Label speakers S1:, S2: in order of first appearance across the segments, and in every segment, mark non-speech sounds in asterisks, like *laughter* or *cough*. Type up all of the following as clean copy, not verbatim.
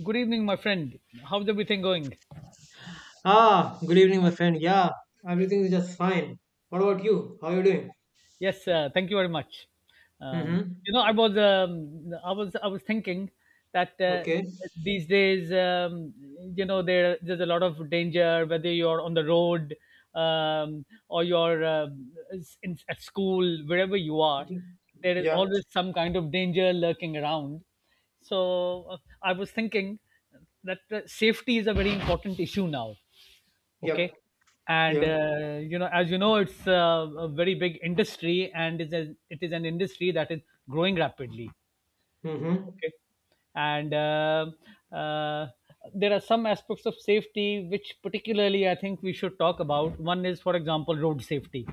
S1: Good evening, my friend. How's everything going?
S2: Ah, good evening, my friend. Yeah, everything is just fine. What about you? How are you doing?
S1: Yes, thank you very much. Um,
S2: Mm-hmm.
S1: I was thinking that
S2: Okay.
S1: these days, there's a lot of danger, whether you're on the road, or you're, in, at school, wherever you are.
S2: Okay.
S1: There is
S2: Yeah.
S1: always some kind of danger lurking around. So, I was thinking that safety is a very important issue now. Okay,
S2: Yep.
S1: and
S2: Yeah.
S1: as you know, it's a very big industry, and it is an industry that is growing rapidly.
S2: Mm-hmm.
S1: Okay, and uh, there are some aspects of safety which particularly I think we should talk about. One is, for example, road safety.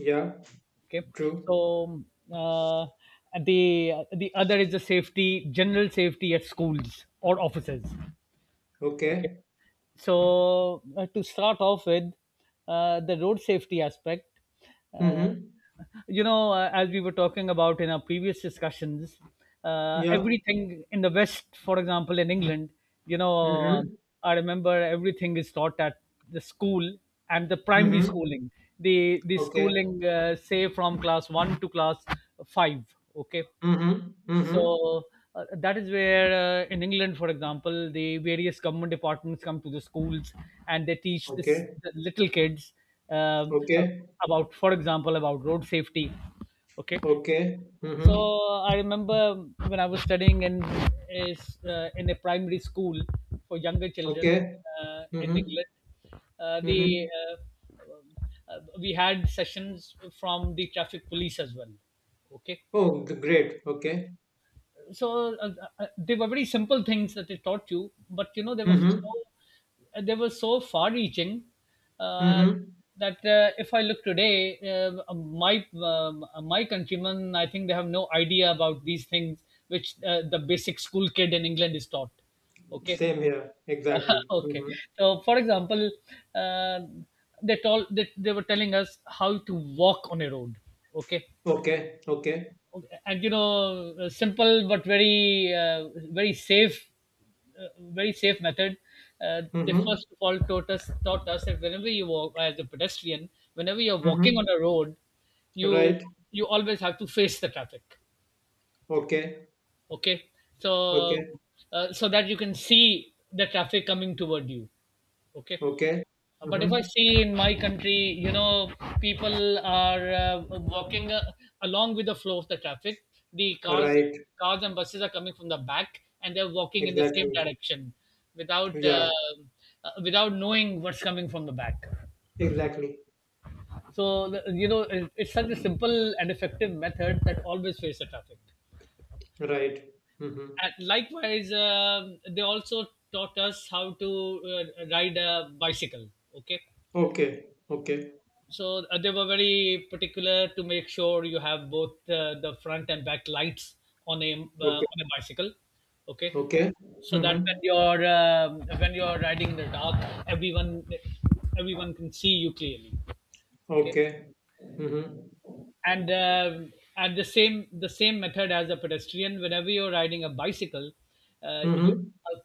S2: Yeah.
S1: Okay,
S2: True.
S1: so uh, the other is the safety, general safety at schools or offices. Okay.
S2: Okay.
S1: So, to start off with, the road safety aspect. Uh,
S2: Mm-hmm.
S1: you know, as we were talking about in our previous discussions,
S2: Yeah.
S1: everything in the West, for example, in England, you know, um,
S2: Mm-hmm.
S1: I remember everything is taught at the school and the primary
S2: Mm-hmm.
S1: schooling. The
S2: Okay.
S1: schooling, say from class one to class five. Okay,
S2: Mm-hmm. Mm-hmm.
S1: so that is where, in England, for example, the various government departments come to the schools and they teach this
S2: Okay.
S1: the little kids uh,
S2: Okay.
S1: about, for example, about road safety. Okay,
S2: Okay.
S1: so
S2: Mm-hmm.
S1: I remember when I was studying in a primary school for younger children,
S2: Okay.
S1: in
S2: Mm-hmm.
S1: England. The
S2: Mm-hmm.
S1: We had sessions from the traffic police as well. Okay,
S2: Oh, great. Okay.
S1: so they were very simple things that they taught you, but you know they were so
S2: Mm-hmm.
S1: uh, they were so far reaching, uh,
S2: Mm-hmm.
S1: that if I look today, my countrymen, I think they have no idea about these things which the basic school kid in England is taught. Okay.
S2: Same here. Exactly.
S1: *laughs* Okay,
S2: Mm-hmm.
S1: so for example, uh, they told, they were telling us how to walk on a road. Okay,
S2: Okay. Okay.
S1: and you know, a simple but very safe uh, very safe method. They
S2: Mm-hmm.
S1: first of all taught us that whenever you walk as a pedestrian, whenever you're walking on
S2: Mm-hmm.
S1: a road, you
S2: Right.
S1: you always have to face the traffic.
S2: Okay.
S1: Okay, so
S2: Okay.
S1: so that you can see the traffic coming toward you. Okay.
S2: Okay.
S1: But if I
S2: Mm-hmm.
S1: see in my country, you know, people are walking along with the flow of the traffic. The cars,
S2: Right.
S1: cars and buses are coming from the back, and they're walking in the same
S2: Exactly.
S1: direction, without,
S2: Yeah.
S1: without knowing what's coming from the back.
S2: Exactly.
S1: So it's such a simple and effective method that always fails the traffic.
S2: Right. Mm-hmm.
S1: And likewise, they also taught us how to uh, ride a bicycle. Okay.
S2: Okay. Okay.
S1: So they were very particular to make sure you have both the front and back lights on a uh,
S2: Okay.
S1: on a bicycle. Okay,
S2: Okay.
S1: so that when
S2: Mm-hmm.
S1: you're, when you're riding in the dark, everyone everyone can see you clearly. Okay,
S2: Okay. Mm-hmm.
S1: and the same method as a pedestrian. Whenever you're riding a bicycle, you
S2: Mm-hmm.
S1: uh,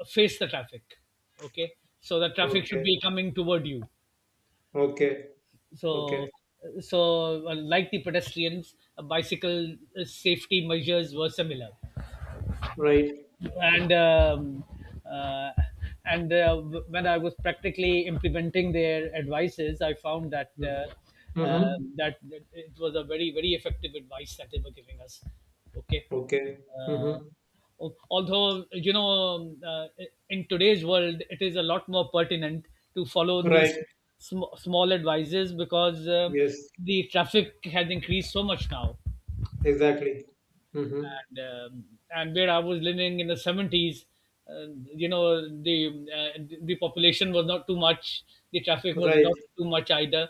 S1: face the traffic. Okay, so the traffic should
S2: Okay.
S1: be coming toward you.
S2: Okay.
S1: So,
S2: Okay.
S1: so, like the pedestrians, bicycle safety measures were similar,
S2: Right.
S1: and uh, when I was practically implementing their advices, I found that,
S2: Mm-hmm.
S1: uh,
S2: Mm-hmm.
S1: that it was a very effective advice that they were giving us. Okay.
S2: Okay.
S1: Uh,
S2: Mm-hmm.
S1: although you know, in today's world it is a lot more pertinent to follow these
S2: Right.
S1: small advices, because
S2: Yes.
S1: the traffic has increased so much now,
S2: Exactly. Mm-hmm.
S1: and, um, and where I was living in the 70s, uh, you know, the population was not too much, the traffic was
S2: Right.
S1: not too much either,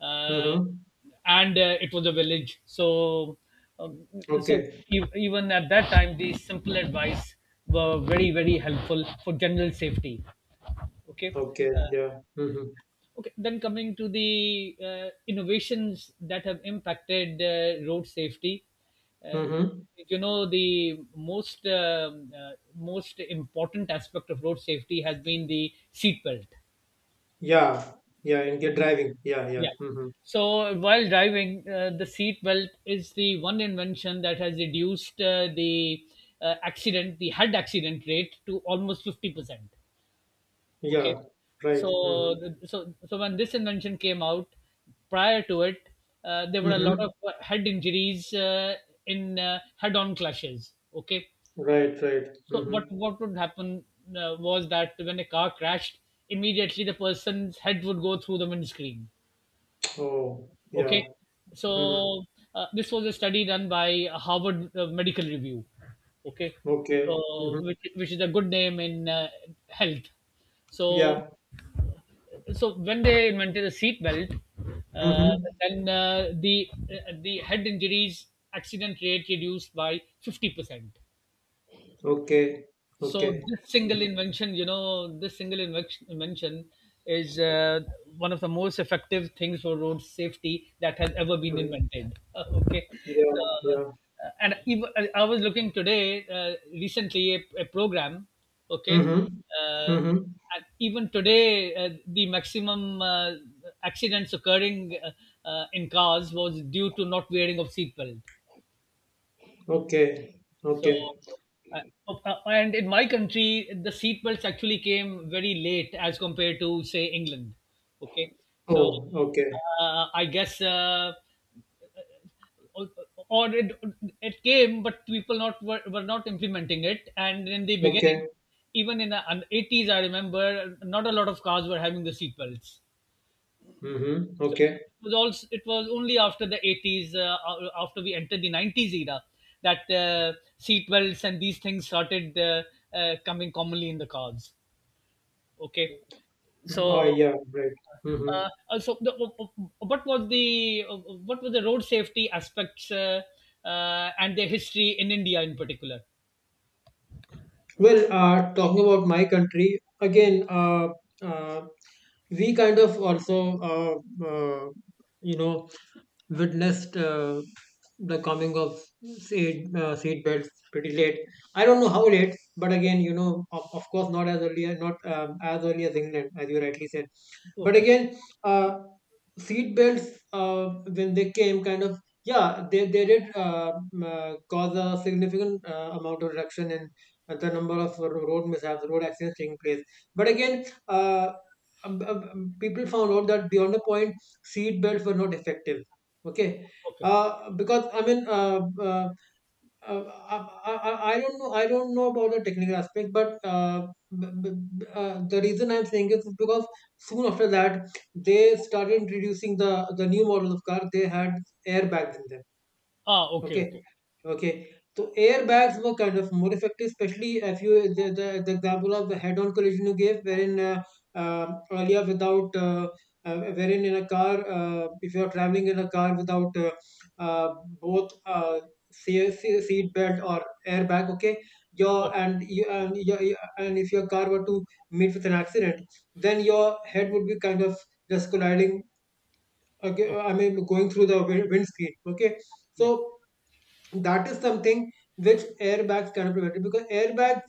S1: uh,
S2: Mm-hmm.
S1: and it was a village. So, um, so
S2: Okay.
S1: even at that time, the simple advice were very helpful for general safety. Okay.
S2: Okay.
S1: Uh,
S2: Yeah. Mm-hmm.
S1: okay, then coming to the innovations that have impacted road safety, uh,
S2: Mm-hmm.
S1: you know, the most important aspect of road safety has been the seat belt.
S2: Yeah, yeah, and get driving. Yeah, yeah.
S1: Yeah.
S2: Mm-hmm.
S1: So while driving, the seat belt is the one invention that has reduced, the head accident rate to almost 50%. Okay,
S2: Yeah, right.
S1: so
S2: Mm-hmm.
S1: so when this invention came out, prior to it, there were a lot
S2: Mm-hmm.
S1: of head injuries, in head on clashes. Okay,
S2: Right, right.
S1: so what
S2: Mm-hmm.
S1: what would happen, was that when a car crashed, immediately the person's head would go through the windscreen.
S2: Oh, yeah.
S1: Okay.
S2: Mm-hmm.
S1: So this was a study done by Harvard medical review. Okay,
S2: Okay. Mm-hmm.
S1: so which is a good name in health. So
S2: Yeah.
S1: when they invented the seat belt, uh,
S2: Mm-hmm.
S1: then the head injuries accident rate reduced by 50%.
S2: Okay.
S1: So
S2: Okay.
S1: this single
S2: Mm-hmm.
S1: invention, you know, this single invention is one of the most effective things for road safety that has ever been
S2: Mm-hmm.
S1: invented. *laughs* Okay, so,
S2: Yeah, yeah.
S1: and even, I was looking today, recently, a program. Okay.
S2: Mm-hmm.
S1: uh,
S2: Mm-hmm.
S1: and even today, the maximum accidents occurring, in cars, was due to not wearing of seatbelt.
S2: Okay.
S1: So,
S2: Okay.
S1: uh, so, and in my country, the seat belts actually came very late as compared to, say, England. Okay. So,
S2: Oh, okay.
S1: I guess, uh, uh, or it, it came, but people not were, were not implementing it. And in the beginning,
S2: Okay.
S1: even in the 80s, I remember not a lot of cars were having the seat belts.
S2: Mm-hmm.
S1: So
S2: Okay.
S1: it was only after the 80s, after we entered the 90s era, that seat belts and these things started coming commonly in the cars. Okay, so,
S2: Oh, yeah, right. Mm-hmm.
S1: also the, what was the what were the road safety aspects, and their history in India in particular?
S2: Well, talking about my country again, uh, we kind of also, you know, witnessed the coming of seed beds pretty late. I don't know how late, but again, of course, not as early, as- not as early as England, as you rightly said. But
S1: Okay.
S2: again, seat belts when they came, kind of, yeah, they did cause a significant amount of reduction in the number of road mishaps, road accidents taking place. But again, people found out that beyond a point, seat belts were not effective. Okay,
S1: Okay.
S2: uh, Because I mean, uh, I don't know about the technical aspect, but b- b- the reason I'm saying is because soon after that, they started introducing the new model of car. They had airbags in them.
S1: Ah, okay,
S2: Okay,
S1: okay.
S2: okay. So airbags were kind of more effective, especially if you the example of the head-on collision you gave, wherein earlier without wherein in a car, if you are traveling in a car without uh, both seat belt or airbag, okay, your
S1: Okay.
S2: and you and your- and if your car were to meet with an accident, then your head would be kind of just colliding. Okay,
S1: Okay.
S2: I mean going through the windscreen. Okay, so
S1: Yeah.
S2: that is something which airbags cannot prevent it, because airbags,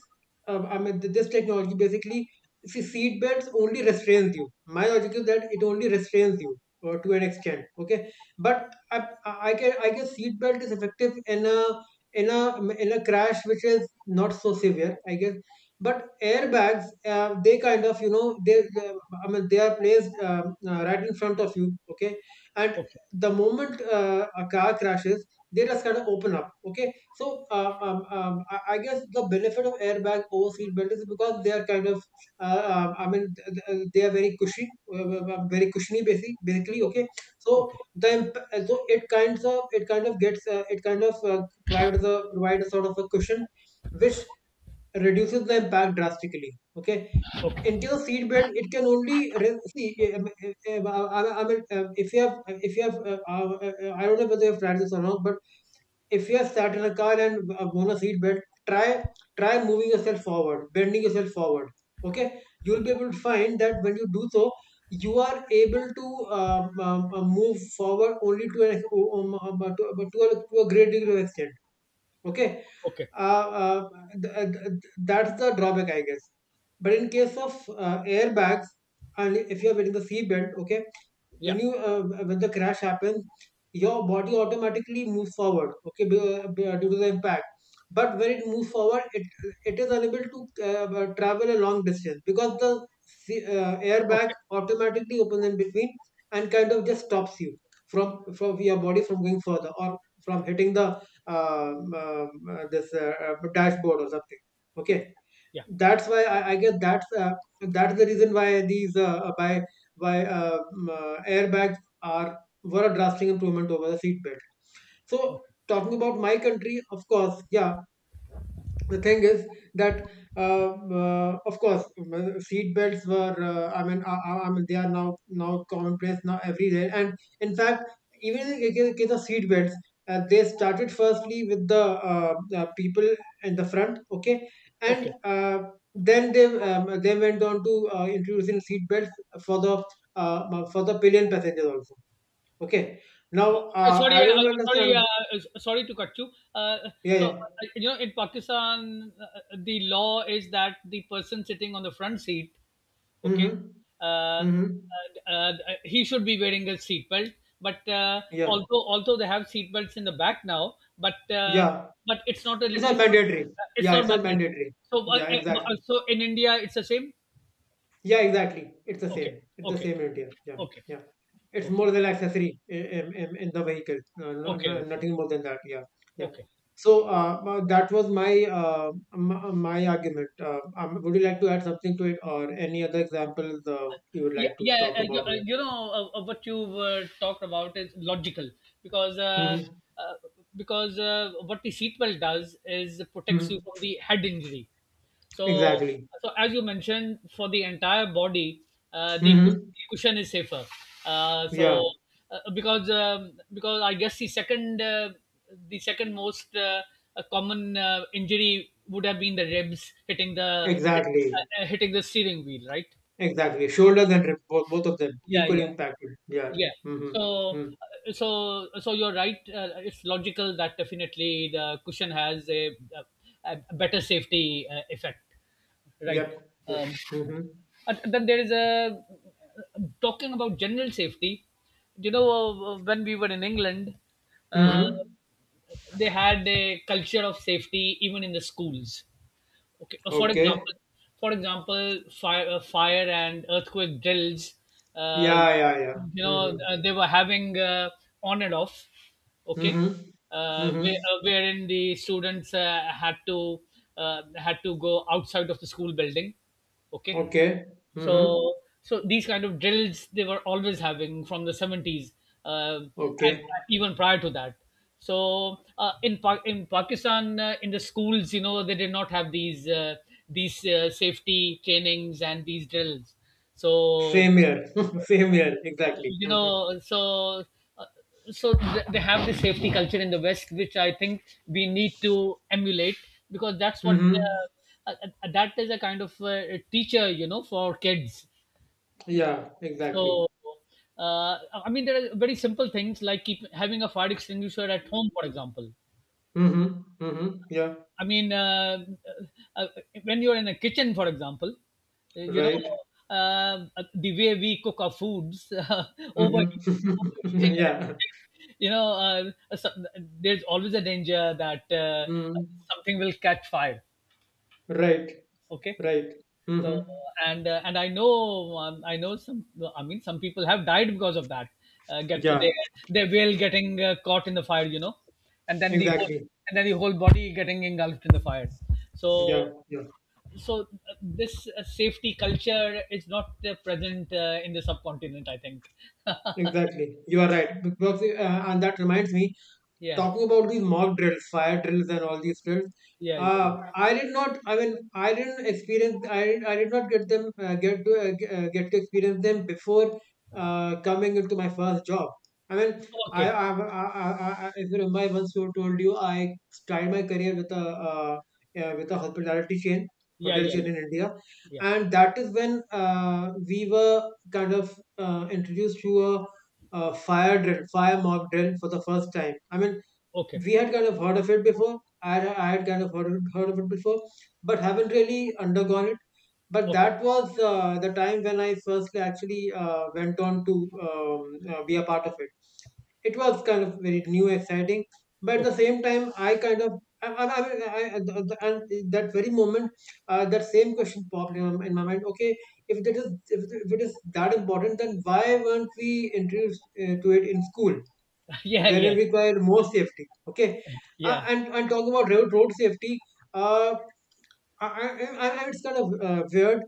S2: I mean, this technology basically, see, seat belts only restrains you. My logic is that it only restrains you, or to an extent, okay, but I can, I guess, seat belt is effective in a in a crash which is not so severe, I guess. But airbags, they kind of, they, uh, I mean, they are placed, right in front of you, okay, and
S1: Okay.
S2: the moment a car crashes, they just kind of open up. Okay, so I guess the benefit of airbag over seat belt is because they are kind of, I mean, they are very cushy, very cushiony, basically.
S1: Okay.
S2: Okay. So
S1: Okay.
S2: the so it kind of gets, it kind of, provides a sort of a cushion, which reduces the impact drastically. Okay,
S1: Okay.
S2: into the seat belt, it can only see. I mean, if you have, I don't know whether you have tried this or not, but if you are sat in a car and, on a seat belt, try try moving yourself forward, bending yourself forward. Okay, you'll be
S1: Okay.
S2: able to find that when you do so, you are able to, move forward only to an to a great degree of extent. Okay,
S1: Okay.
S2: uh, uh, that's the drawback, I guess. But in case of airbags, and if you're wearing the seatbelt, okay,
S1: Yeah.
S2: when you when the crash happens, your body automatically moves forward, okay, due to the impact. But when it moves forward, it is unable to travel a long distance, because the airbag
S1: Okay.
S2: automatically opens in between and kind of just stops you from your body from going further, or from hitting the, this, dashboard or something. Okay,
S1: Yeah.
S2: that's why, I guess, that's the reason why these, by why airbags are were a drastic improvement over the seat belt. So
S1: Okay.
S2: talking about my country, of course, yeah, the thing is that, uh, of course, seat belts were, I mean they are now commonplace now everywhere. And in fact, even in the case of seat belts, they started firstly with the, people in the front, okay,
S1: Okay.
S2: and then they went on to introducing seat belts for the pillion passengers also. Okay,
S1: Uh,
S2: now,
S1: okay, sorry,
S2: I don't understand.
S1: sorry, sorry to cut you. Uh,
S2: Yeah,
S1: so,
S2: yeah.
S1: you know, in Pakistan, the law is that the person sitting on the front seat, okay,
S2: Mm-hmm.
S1: uh, uh,
S2: Mm-hmm.
S1: uh, he should be wearing a seat belt. But
S2: Yeah,
S1: although they have seat belts in the back now, but
S2: yeah.
S1: it's not a
S2: It's not mandatory.
S1: it's
S2: Yeah,
S1: not
S2: it's not
S1: mandatory.
S2: mandatory.
S1: So,
S2: Yeah, exactly.
S1: so in India, it's the same.
S2: Yeah, exactly. It's the
S1: Okay.
S2: same. It's the
S1: Okay.
S2: same in India. Yeah,
S1: Okay.
S2: yeah. It's
S1: Okay.
S2: more than accessory in the vehicle. No, no,
S1: Okay.
S2: no,
S1: Okay.
S2: nothing more than that. Yeah, yeah.
S1: Okay.
S2: So that was my argument. Would you like to add something to it, or any other examples you would
S1: Yeah,
S2: like to
S1: yeah,
S2: talk about?
S1: you know what you were talked about is logical, because
S2: Mm-hmm.
S1: uh, what the seatbelt does is it protects
S2: Mm-hmm.
S1: you from the head injury. So
S2: Exactly.
S1: so, as you mentioned, for the entire body, the, cus-
S2: Mm-hmm.
S1: the cushion is safer.
S2: Yeah,
S1: So because I guess the second most common injury would have been the ribs hitting the
S2: exactly.
S1: uh, uh, hitting the steering wheel, right?
S2: Exactly. Shoulders and rib, both, both of them
S1: Yeah,
S2: equally
S1: yeah.
S2: impacted. Yeah.
S1: Yeah.
S2: Mm-hmm.
S1: So,
S2: Mm.
S1: so, you're right. It's logical that definitely the cushion has a better safety effect, right?
S2: Yep. Yep.
S1: Um,
S2: Mm-hmm.
S1: and then there is a talking about general safety. You know, when we were in England, uh,
S2: Mm-hmm.
S1: they had a culture of safety even in the schools. Okay. For
S2: Okay.
S1: example, fire, fire and earthquake drills. Uh,
S2: Yeah. Yeah. Yeah.
S1: you know,
S2: Mm-hmm.
S1: they were having on and off. Okay,
S2: Mm-hmm. Mm-hmm.
S1: wherein the students had to go outside of the school building. Okay,
S2: Okay. Mm-hmm.
S1: so these kind of drills they were always having from the 70s, and
S2: Okay.
S1: even prior to that. So in Pakistan, in the schools, you know, they did not have these, safety trainings and these drills. So
S2: Same here. *laughs* Same here. Exactly.
S1: you
S2: Mm-hmm.
S1: know so uh, they have the safety culture in the West, which I think we need to emulate, because that's what,
S2: Mm-hmm.
S1: uh, uh, that is a kind of teacher, you know, for kids.
S2: Yeah. Exactly.
S1: So, uh, I mean, there are very simple things like keep having a fire extinguisher at home, for example.
S2: Mm-hmm. Mm-hmm. Yeah.
S1: I mean, uh, uh, when you're in a kitchen, for example, uh, you know,
S2: Right.
S1: uh, the way we cook our foods, *laughs* overheating,
S2: Mm-hmm. *laughs*
S1: overheating and
S2: yeah.
S1: everything, you know, there's always a danger that
S2: Mm-hmm.
S1: something will catch fire.
S2: Right.
S1: Okay.
S2: Right.
S1: So
S2: Mm-hmm.
S1: and I know some, I mean, some people have died because of that. Get
S2: Yeah.
S1: their, whale getting caught in the fire, you know, and then
S2: Exactly.
S1: the whole body getting engulfed in the fire. So
S2: Yeah. Yeah.
S1: so this safety culture is not present in the subcontinent, I think. *laughs*
S2: Exactly, you are right. Because, and that reminds me,
S1: Yeah.
S2: talking about these mock drills, fire drills, and all these drills,
S1: Yeah. Yeah, yeah.
S2: I did not. I mean, I didn't experience. I did not get them, get to experience them before coming into my first job. I mean, I
S1: Okay.
S2: I, I, I, I if you remember, I once told you I started my career with uh, a hospitality chain,
S1: Yeah. Yeah.
S2: hotel
S1: Yeah.
S2: chain in India,
S1: Yeah.
S2: and that is when we were kind of introduced to a, fire drill, fire mock drill for the first time. I mean,
S1: Okay.
S2: we had kind of heard of it before. I had kind of heard of it before, but haven't really undergone it. But
S1: Okay.
S2: that was the time when I first actually went on to, be a part of it. It was kind of very new, exciting, but at the
S1: Okay.
S2: same time, I kind of I, mean, I- the- and that very moment, that same question popped in my mind. Okay, if that is if it is that important, then why weren't we introduced to it in school?
S1: *laughs* Yeah.
S2: Wherein
S1: Yeah.
S2: we require more safety, okay,
S1: Yeah.
S2: and talk about road safety, uh, it's kind of weird.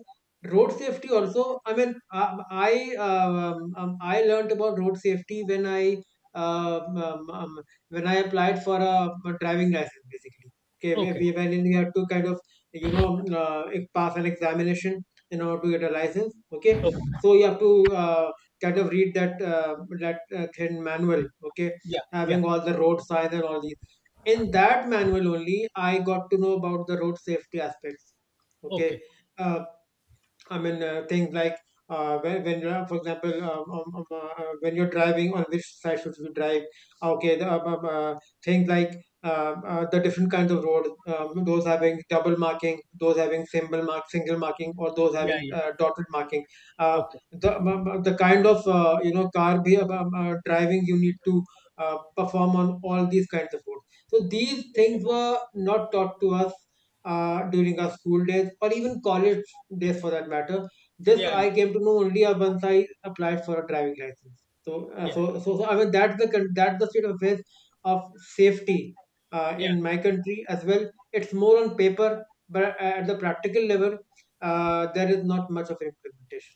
S2: Road safety also. I mean, I learned about road safety when I, um, um, um, when I applied for a driving license, basically. Okay,
S1: Okay.
S2: we when we have to kind of, pass an examination in order to get a license. Okay,
S1: Okay.
S2: so you have to, kind of read that, thin manual. Okay,
S1: Yeah.
S2: having
S1: Yeah.
S2: all the road signs and all these, in that manual only I got to know about the road safety aspects, okay,
S1: Okay.
S2: uh, I mean, things like, when you for example, when you're driving, on which side should you drive? Okay, things like, the different kinds of road, those having double marking, those having symbol mark, single marking, or those
S1: Yeah.
S2: having
S1: Yeah.
S2: dotted marking. Uh,
S1: Okay.
S2: the the kind of, you know car be driving you need to perform on all these kinds of roads. So these
S1: Okay.
S2: things were not taught to us during our school days, or even college days for that matter. This
S1: Yeah.
S2: I came to know only once I applied for a driving license. So,
S1: Yeah.
S2: so I mean that's the state of affairs of safety
S1: Yeah.
S2: in my country as well. It's more on paper, but at the practical level, there is not much of implementation.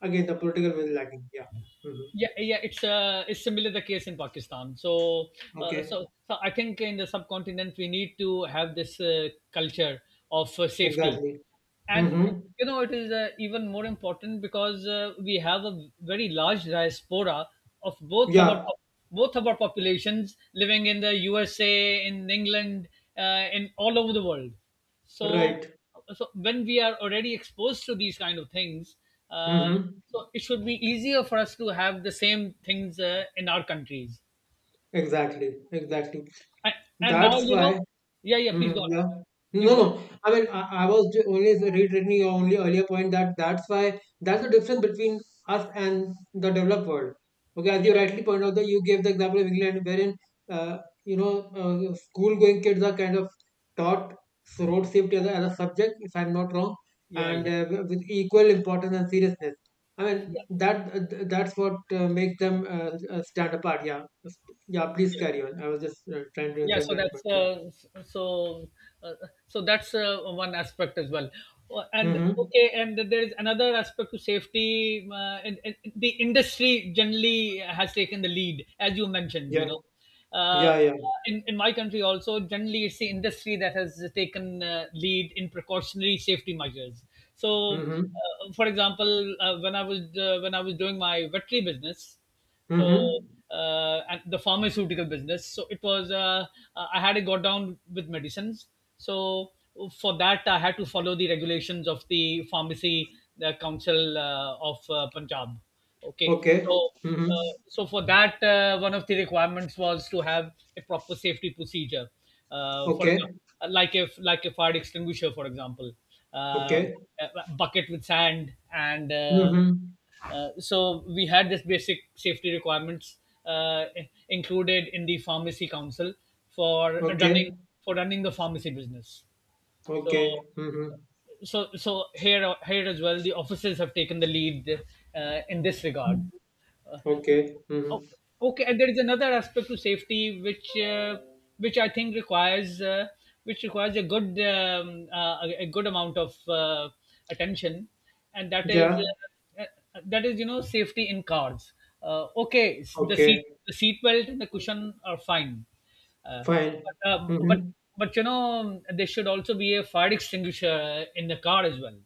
S2: Again, the political will lacking. Yeah. Mm-hmm.
S1: Yeah, yeah, it's it's similar the case in Pakistan. So, uh,
S2: Okay.
S1: so, so I think in the subcontinent we need to have this culture of safety.
S2: Exactly.
S1: And
S2: Mm-hmm.
S1: you know it is even more important because we have a very large diaspora of both our
S2: Yeah.
S1: both of our populations living in the USA, in England, in all over the world. So,
S2: Right.
S1: so when we are already exposed to these kind of things, uh,
S2: Mm-hmm.
S1: so it should be easier for us to have the same things in our countries.
S2: Exactly. Exactly.
S1: And, and now
S2: That's
S1: you
S2: why.
S1: know, yeah, yeah. Please go
S2: Mhm,
S1: on.
S2: yeah. No,
S1: Please go on.
S2: no. Only reiterating your only earlier point that that's the difference between us and the developed world. Okay, as you rightly point out, that you gave the example of England, wherein uh, school-going kids are kind of taught road safety as a subject, if I'm not wrong,
S1: Yeah,
S2: and
S1: yeah,
S2: with equal importance and seriousness.
S1: yeah,
S2: That's what makes them stand apart. Yeah, yeah. Please
S1: yeah.
S2: carry on. I was just trying to
S1: yeah
S2: insert
S1: so
S2: that point.
S1: that's
S2: Yeah.
S1: uh, so uh, so that's one aspect as well. And
S2: Mm-hmm.
S1: okay, and there is another aspect to safety , and the industry generally has taken the lead as you mentioned, you
S2: Yeah,
S1: know, uh,
S2: yeah, yeah.
S1: in my country also generally it's the industry that has taken lead in precautionary safety measures. So
S2: Mm-hmm.
S1: for example, when I was doing my veterinary business, so
S2: Mm-hmm.
S1: and the pharmaceutical business. So it was I had to go down with medicines. So for that, I had to follow the regulations of the pharmacy, the council of Punjab. Okay,
S2: Okay.
S1: so.
S2: Mm-hmm.
S1: So for that, one of the requirements was to have a proper safety procedure. For
S2: Okay.
S1: example, like if like a fire extinguisher, for example, uh,
S2: Okay.
S1: a bucket with sand and
S2: Mm-hmm.
S1: so we had this basic safety requirements uh, included in the pharmacy council for
S2: Okay.
S1: running the pharmacy business. So
S2: Okay. Mm-hmm.
S1: here as well, the offices have taken the lead in this regard.
S2: Okay. Mm-hmm.
S1: Oh, okay, and there is another aspect to safety which I think requires which requires a good amount of attention, and that is
S2: Yeah.
S1: that is, you know, safety in cars. Okay, the
S2: Okay.
S1: seat belt and the cushion are fine, uh,
S2: Fine.
S1: but
S2: Mm-hmm.
S1: but you know there should also be a fire extinguisher in the car as well.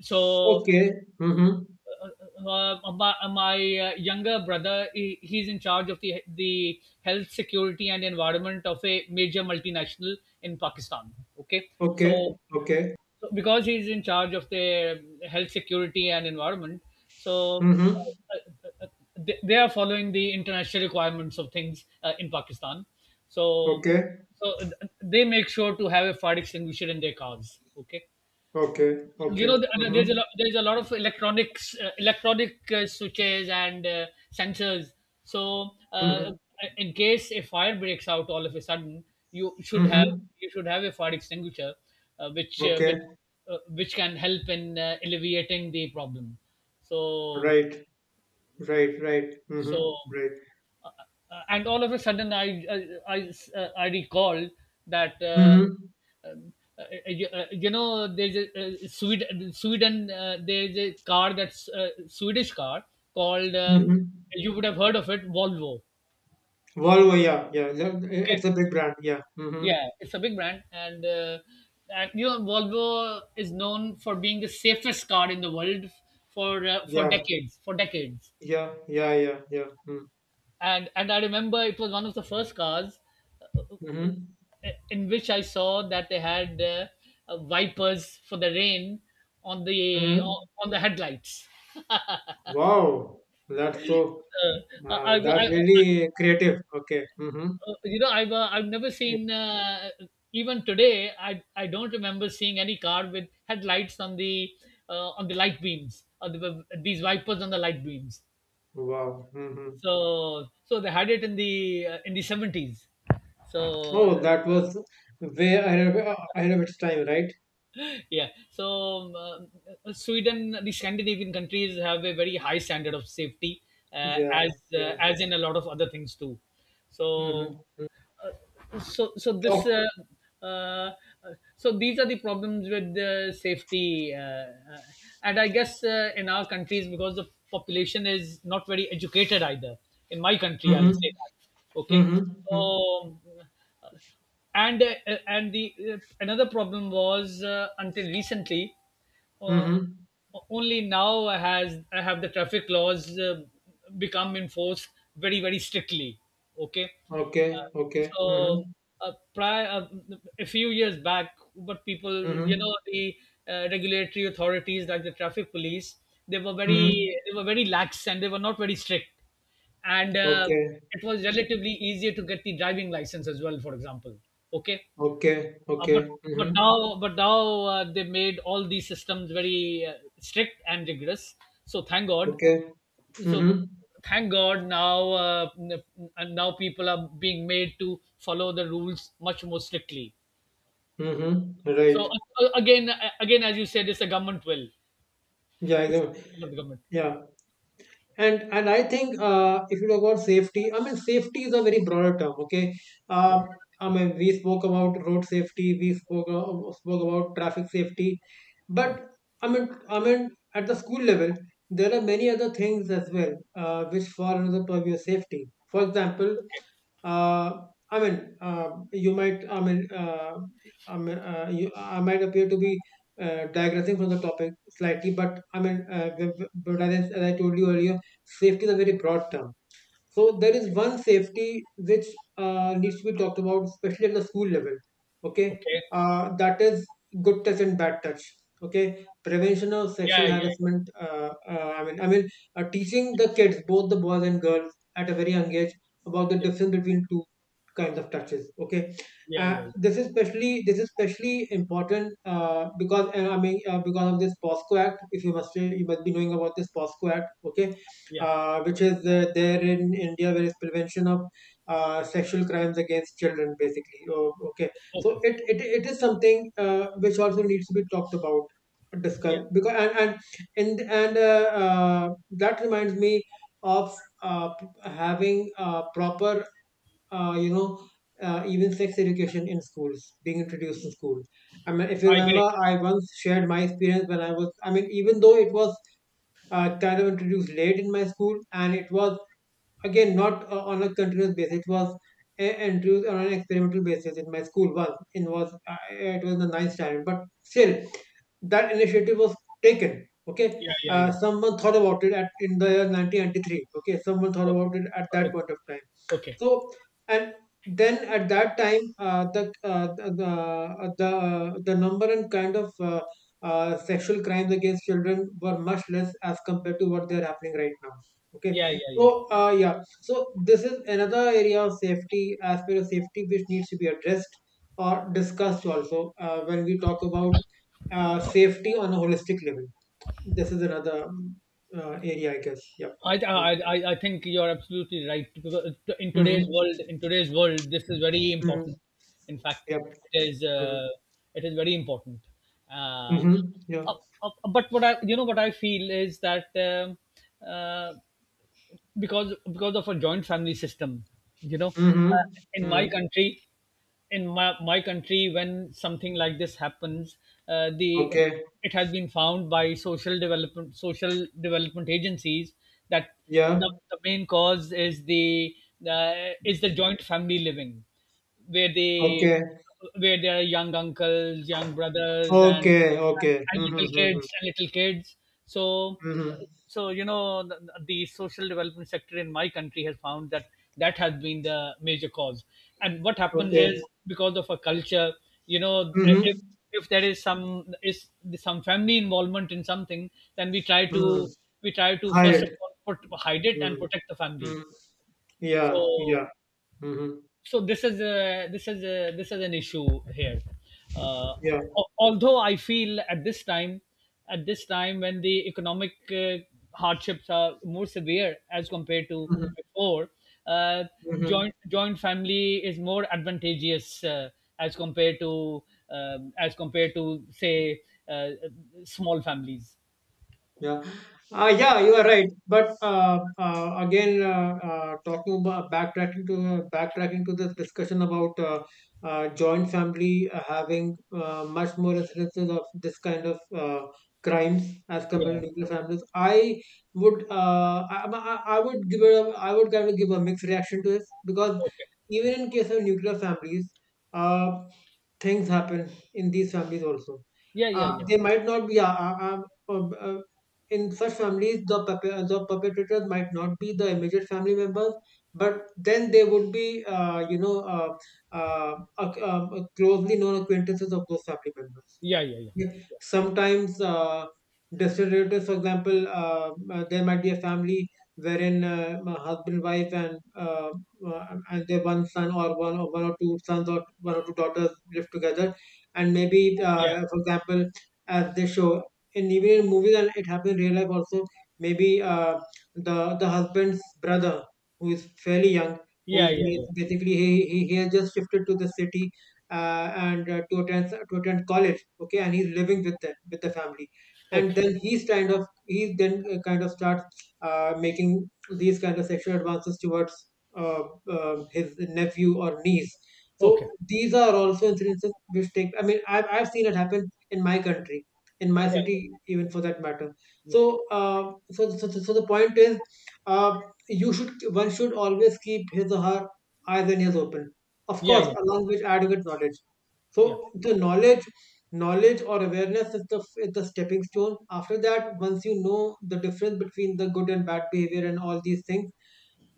S1: So
S2: Okay. Mm-hmm.
S1: my younger brother, he's in charge of the health security and environment of a major multinational in Pakistan. Okay.
S2: Okay.
S1: So
S2: Okay.
S1: so because he's in charge of the health security and environment, so
S2: Mm-hmm.
S1: uh, uh, uh, they are following the international requirements of things in Pakistan. So
S2: Okay.
S1: so they make sure to have a fire extinguisher in their cars. Okay,
S2: Okay.
S1: you
S2: Okay.
S1: know, there's a
S2: Mm-hmm.
S1: lot, there's a lot of electronics, electronic switches and sensors. So
S2: Mm-hmm.
S1: in case a fire breaks out all of a sudden, you should have,
S2: Mm-hmm.
S1: you should have a fire extinguisher uh, which uh, with,
S2: Okay.
S1: which can help in alleviating the problem. So
S2: Right. Right. Right. Mm-hmm.
S1: so
S2: Right.
S1: and all of a sudden, I I, I recalled that
S2: Mm-hmm.
S1: um, you, you know, there's a Sweden Sweden there's a car that's Swedish car called
S2: Mm-hmm.
S1: you would have heard of it, Volvo.
S2: Volvo. Yeah. Yeah. Yeah,
S1: Okay,
S2: it's a big brand. Yeah. Mm-hmm.
S1: yeah, it's a big brand, and you know Volvo is known for being the safest car in the world for
S2: Yeah,
S1: decades, for decades.
S2: yeah, yeah, yeah, yeah. Mm.
S1: And I remember it was one of the first cars uh,
S2: Hmm.
S1: in which I saw that they had wipers for the rain
S2: Hmm.
S1: on the headlights.
S2: Wow, that's so,
S1: Uh, I, I,
S2: that's
S1: I, uh,
S2: really creative. Okay. Mm-hmm.
S1: you know, I've never seen even today. I don't remember seeing any car with headlights on the light beams or the, these wipers on the light beams.
S2: Wow. Hmm.
S1: So so they had it in the in the 70s. So
S2: Oh, that was way ahead of its time, right?
S1: yeah, so Sweden, the Scandinavian countries have a very high standard of safety,
S2: Yeah, yeah.
S1: as in a lot of other things too. So,
S2: Mm-hmm.
S1: so so
S2: Oh,
S1: this, uh, uh, so these are the problems with the safety, and I guess in our countries, because the population is not very educated either. In my country, I'll
S2: mm-hmm.
S1: say that. Okay,
S2: Mm-hmm.
S1: so. uh, and the another problem was until recently, uh,
S2: Mm-hmm.
S1: only now has have the traffic laws become enforced very, very strictly. Okay.
S2: Okay, okay.
S1: So
S2: Mm-hmm.
S1: Prior, a few years back, but people, you
S2: Mm-hmm.
S1: know, the regulatory authorities like the traffic police, they were very
S2: Mm-hmm.
S1: they were very lax and they were not very strict, and
S2: Okay,
S1: it was relatively easier to get the driving license as well, for example. Okay,
S2: okay,
S1: but
S2: okay.
S1: but
S2: Mm-hmm.
S1: now but now they made all these systems very strict and rigorous. So thank God.
S2: Okay.
S1: So
S2: Mm-hmm.
S1: thank God now and now people are being made to follow the rules much more strictly.
S2: Mm-hmm.
S1: So
S2: Right.
S1: again as you said, it's the government will,
S2: Yeah, I
S1: it's
S2: know.
S1: the will of the government.
S2: Yeah. And I think if you talk about safety, I mean safety is a very broader term. Okay,
S1: Yeah,
S2: uh, I mean we spoke about road safety, we spoke about traffic safety,
S1: yeah.
S2: but I mean at the school level there are many other things as well which fall under the purview of safety. For example,
S1: Okay.
S2: uh, I mean, you might, I mean, you, I might appear to be digressing from the topic slightly, but but as I told you earlier. Safety is a very broad term. So there is one safety which needs to be talked about, especially at the school level. Okay,
S1: Okay.
S2: that is good touch and bad touch. Okay, prevention of
S1: Yeah,
S2: sexual
S1: yeah, yeah,
S2: harassment. Teaching the kids, both the boys and girls, at a very young age about the
S1: yeah,
S2: difference between two kinds of touches. Okay,
S1: yeah, yeah,
S2: this is especially important because I mean because of this POSCO Act. If you must be knowing about this POSCO Act. Okay,
S1: yeah.
S2: which is there in India, where is prevention of sexual crimes against children, basically. Oh, okay, so
S1: Okay.
S2: it is something which also needs to be talked about,
S1: Yeah,
S2: discussed because and that reminds me of having proper, uh, you know. Even sex education in schools being introduced in schools. I mean, if you
S1: I
S2: remember,
S1: agree.
S2: I once shared my experience when I was. I mean, even though it was kind of introduced late in my school, and it was again not on a continuous basis. It was introduced on an experimental basis in my school once. It was in the ninth standard, but still that initiative was taken. Okay,
S1: Yeah, yeah, yeah.
S2: someone thought about it at, in the year 1993. Okay, someone thought
S1: Okay.
S2: about it at that
S1: Okay.
S2: point of time,
S1: Okay.
S2: so, and then at that time, the number and kind of sexual crimes against children were much less as compared to what they are happening right now. Okay,
S1: Yeah, yeah, yeah.
S2: so yeah, so this is another area of safety, aspect of safety which needs to be addressed or discussed also when we talk about safety on a holistic level. This is another area, I guess. Yeah.
S1: I, th- I think you're absolutely right because
S2: Mm-hmm.
S1: in today's world, this is very
S2: Mm-hmm.
S1: important. In fact,
S2: Yep.
S1: it is uh, it is very important. Uh,
S2: Mhm. Yeah.
S1: uh, but what I, you know, what I feel is that uh, because of a joint family system, you know,
S2: Mhm.
S1: in my
S2: Mhm.
S1: country, in my country, when something like this happens, the
S2: Okay.
S1: it has been found by social development agencies that
S2: Yeah.
S1: the main cause is the joint family living, where they,
S2: Okay.
S1: where there are young uncles, young brothers,
S2: Okay. Okay.
S1: and
S2: Mhm.
S1: little
S2: Mhm.
S1: kids and little kids So
S2: Mhm.
S1: so you know the social development sector in my country has found that that has been the major cause. And what happens is
S2: Okay.
S1: because of a culture, you know, eh,
S2: Mhm.
S1: if there is some family involvement in something, then we try
S2: Mhm.
S1: to, we try to
S2: Hide
S1: first of
S2: it.
S1: all put, hide it and
S2: Mhm.
S1: protect the family.
S2: Mhm. Yeah.
S1: So
S2: Yeah. Mhm.
S1: so this is a, this is a, this is an issue here, uh,
S2: Yeah.
S1: although I feel at this time, at this time when the economic hardships are more severe as compared to
S2: Mhm.
S1: before, uh,
S2: Mhm.
S1: joint family is more advantageous as compared to, as compared to, say, uh, small families.
S2: Yeah, yeah, you are right. But again, talking about backtracking to this discussion about joint family having much more instances of this kind of crimes as compared
S1: Yeah.
S2: to nuclear families. I would give I would kind of give a mixed reaction to this because
S1: Okay.
S2: even in case of nuclear families, uh, things happen in these families also.
S1: Yeah, yeah,
S2: Uh,
S1: yeah,
S2: they might not be uh, uh, in such families the perpetrators might not be the immediate family members but then they would be closely known acquaintances of those family members,
S1: yeah, yeah, yeah,
S2: yeah. Sometimes distant relatives, for example, there might be a family wherein a husband, wife, and and their one son or one or two sons or one or two daughters live together, and maybe,
S1: yeah,
S2: for example, as they show in even in movies and it happens in real life also, maybe the husband's brother who is fairly young, who
S1: yeah,
S2: is
S1: yeah, yeah.
S2: basically he has just shifted to the city and to attend college, okay, and he's living with them with the family and
S1: Okay,
S2: then he's kind of he then kind of starts making these kind of sexual advances towards uh, his nephew or niece. So
S1: okay.
S2: these are also incidences which take, I mean, I've seen it happen in my country, in my
S1: Yeah,
S2: city
S1: yeah,
S2: even for that matter.
S1: yeah,
S2: So so, so so the point is uh, you should one should always keep his or her eyes and ears open, of
S1: yeah,
S2: course,
S1: yeah.
S2: along with adequate knowledge.
S1: Yeah,
S2: So the knowledge, knowledge or awareness is the stepping stone. After that, once you know the difference between the good and bad behavior and all these things,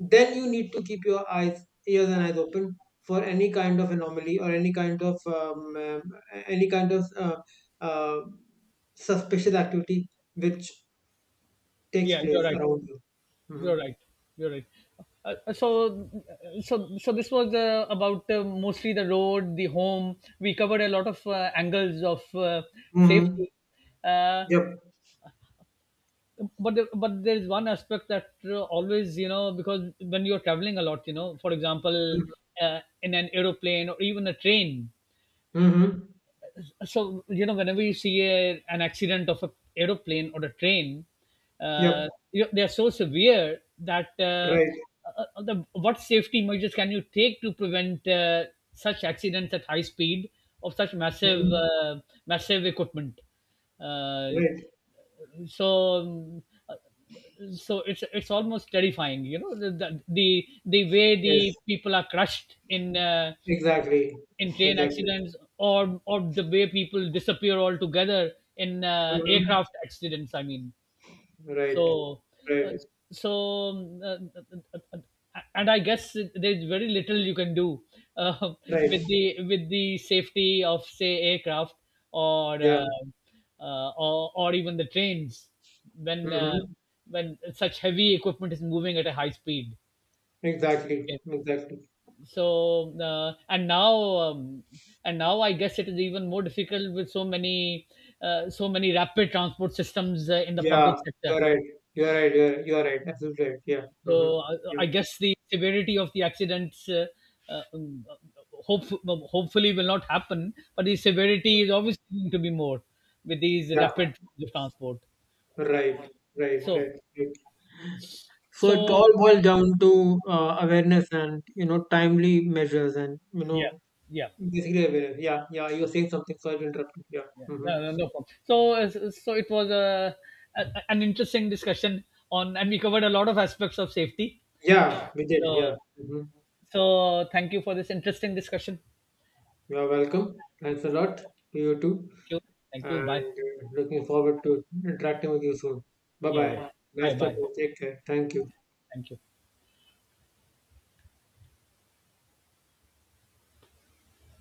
S2: then you need to keep your eyes, ears, and eyes open for any kind of anomaly or any kind of uh, suspicious activity which takes
S1: yeah, you're
S2: place
S1: right.
S2: around you. Mm-hmm.
S1: You're right. You're right. So this was about mostly the road, the home. We covered a lot of angles of
S2: Mm-hmm.
S1: safety, uh,
S2: Yep.
S1: but there is one aspect that always, you know, because when you're traveling a lot, you know, for example,
S2: Mm-hmm.
S1: in an aeroplane or even a train,
S2: Mm-hmm.
S1: so you know whenever you see a, an accident of a aeroplane or a train,
S2: Yep.
S1: uh, they are so severe that
S2: Right.
S1: the, what safety measures can you take to prevent such accidents at high speed of such massive
S2: Hmm.
S1: massive equipment, uh,
S2: Right.
S1: so um, so it's almost terrifying, you know, the way the
S2: Yes,
S1: people are crushed
S2: exactly,
S1: in train
S2: exactly.
S1: accidents, or the way people disappear altogether in
S2: Hmm.
S1: aircraft accidents, I mean.
S2: Right,
S1: So uh,
S2: right,
S1: so um, uh, uh, uh, and I guess there's very little you can do uh, *laughs* with
S2: right.
S1: the, with the safety of, say, aircraft or
S2: Yeah.
S1: uh, or even the trains when uh,
S2: Hmm.
S1: when such heavy equipment is moving at a high speed.
S2: Exactly,
S1: Okay,
S2: exactly.
S1: so and now I guess it is even more difficult with so many so many rapid transport systems in the public
S2: Yeah,
S1: sector.
S2: you're right. You're right. You're right. Absolutely right. Yeah.
S1: So
S2: Hmm. Yeah.
S1: I guess the severity of the accidents uh, um, hope, hopefully will not happen, but the severity is obviously going to be more with these
S2: Yeah.
S1: rapid transport.
S2: Right. Right. Right.
S1: So
S2: Right. So it
S1: so
S2: all boils down to awareness and you know timely measures and you
S1: yeah,
S2: know
S1: yeah.
S2: basically awareness. Yeah. Yeah. You're saying something, so I'll interrupt you. Yeah.
S1: Yeah,
S2: Hmm.
S1: no, no, no problem. So, so it was a an interesting discussion on, and we covered a lot of aspects of safety.
S2: Yeah. We did.
S1: So,
S2: Yeah. Hmm.
S1: so thank you for this interesting discussion.
S2: You are
S1: Thank
S2: welcome. Thanks a lot. To you too.
S1: you, thank you. Bye.
S2: And looking forward to interacting with you soon. Bye
S1: Yeah,
S2: bye.
S1: yeah. Bye,
S2: Nice
S1: bye.
S2: talking. Take care. Thank you.
S1: Thank you.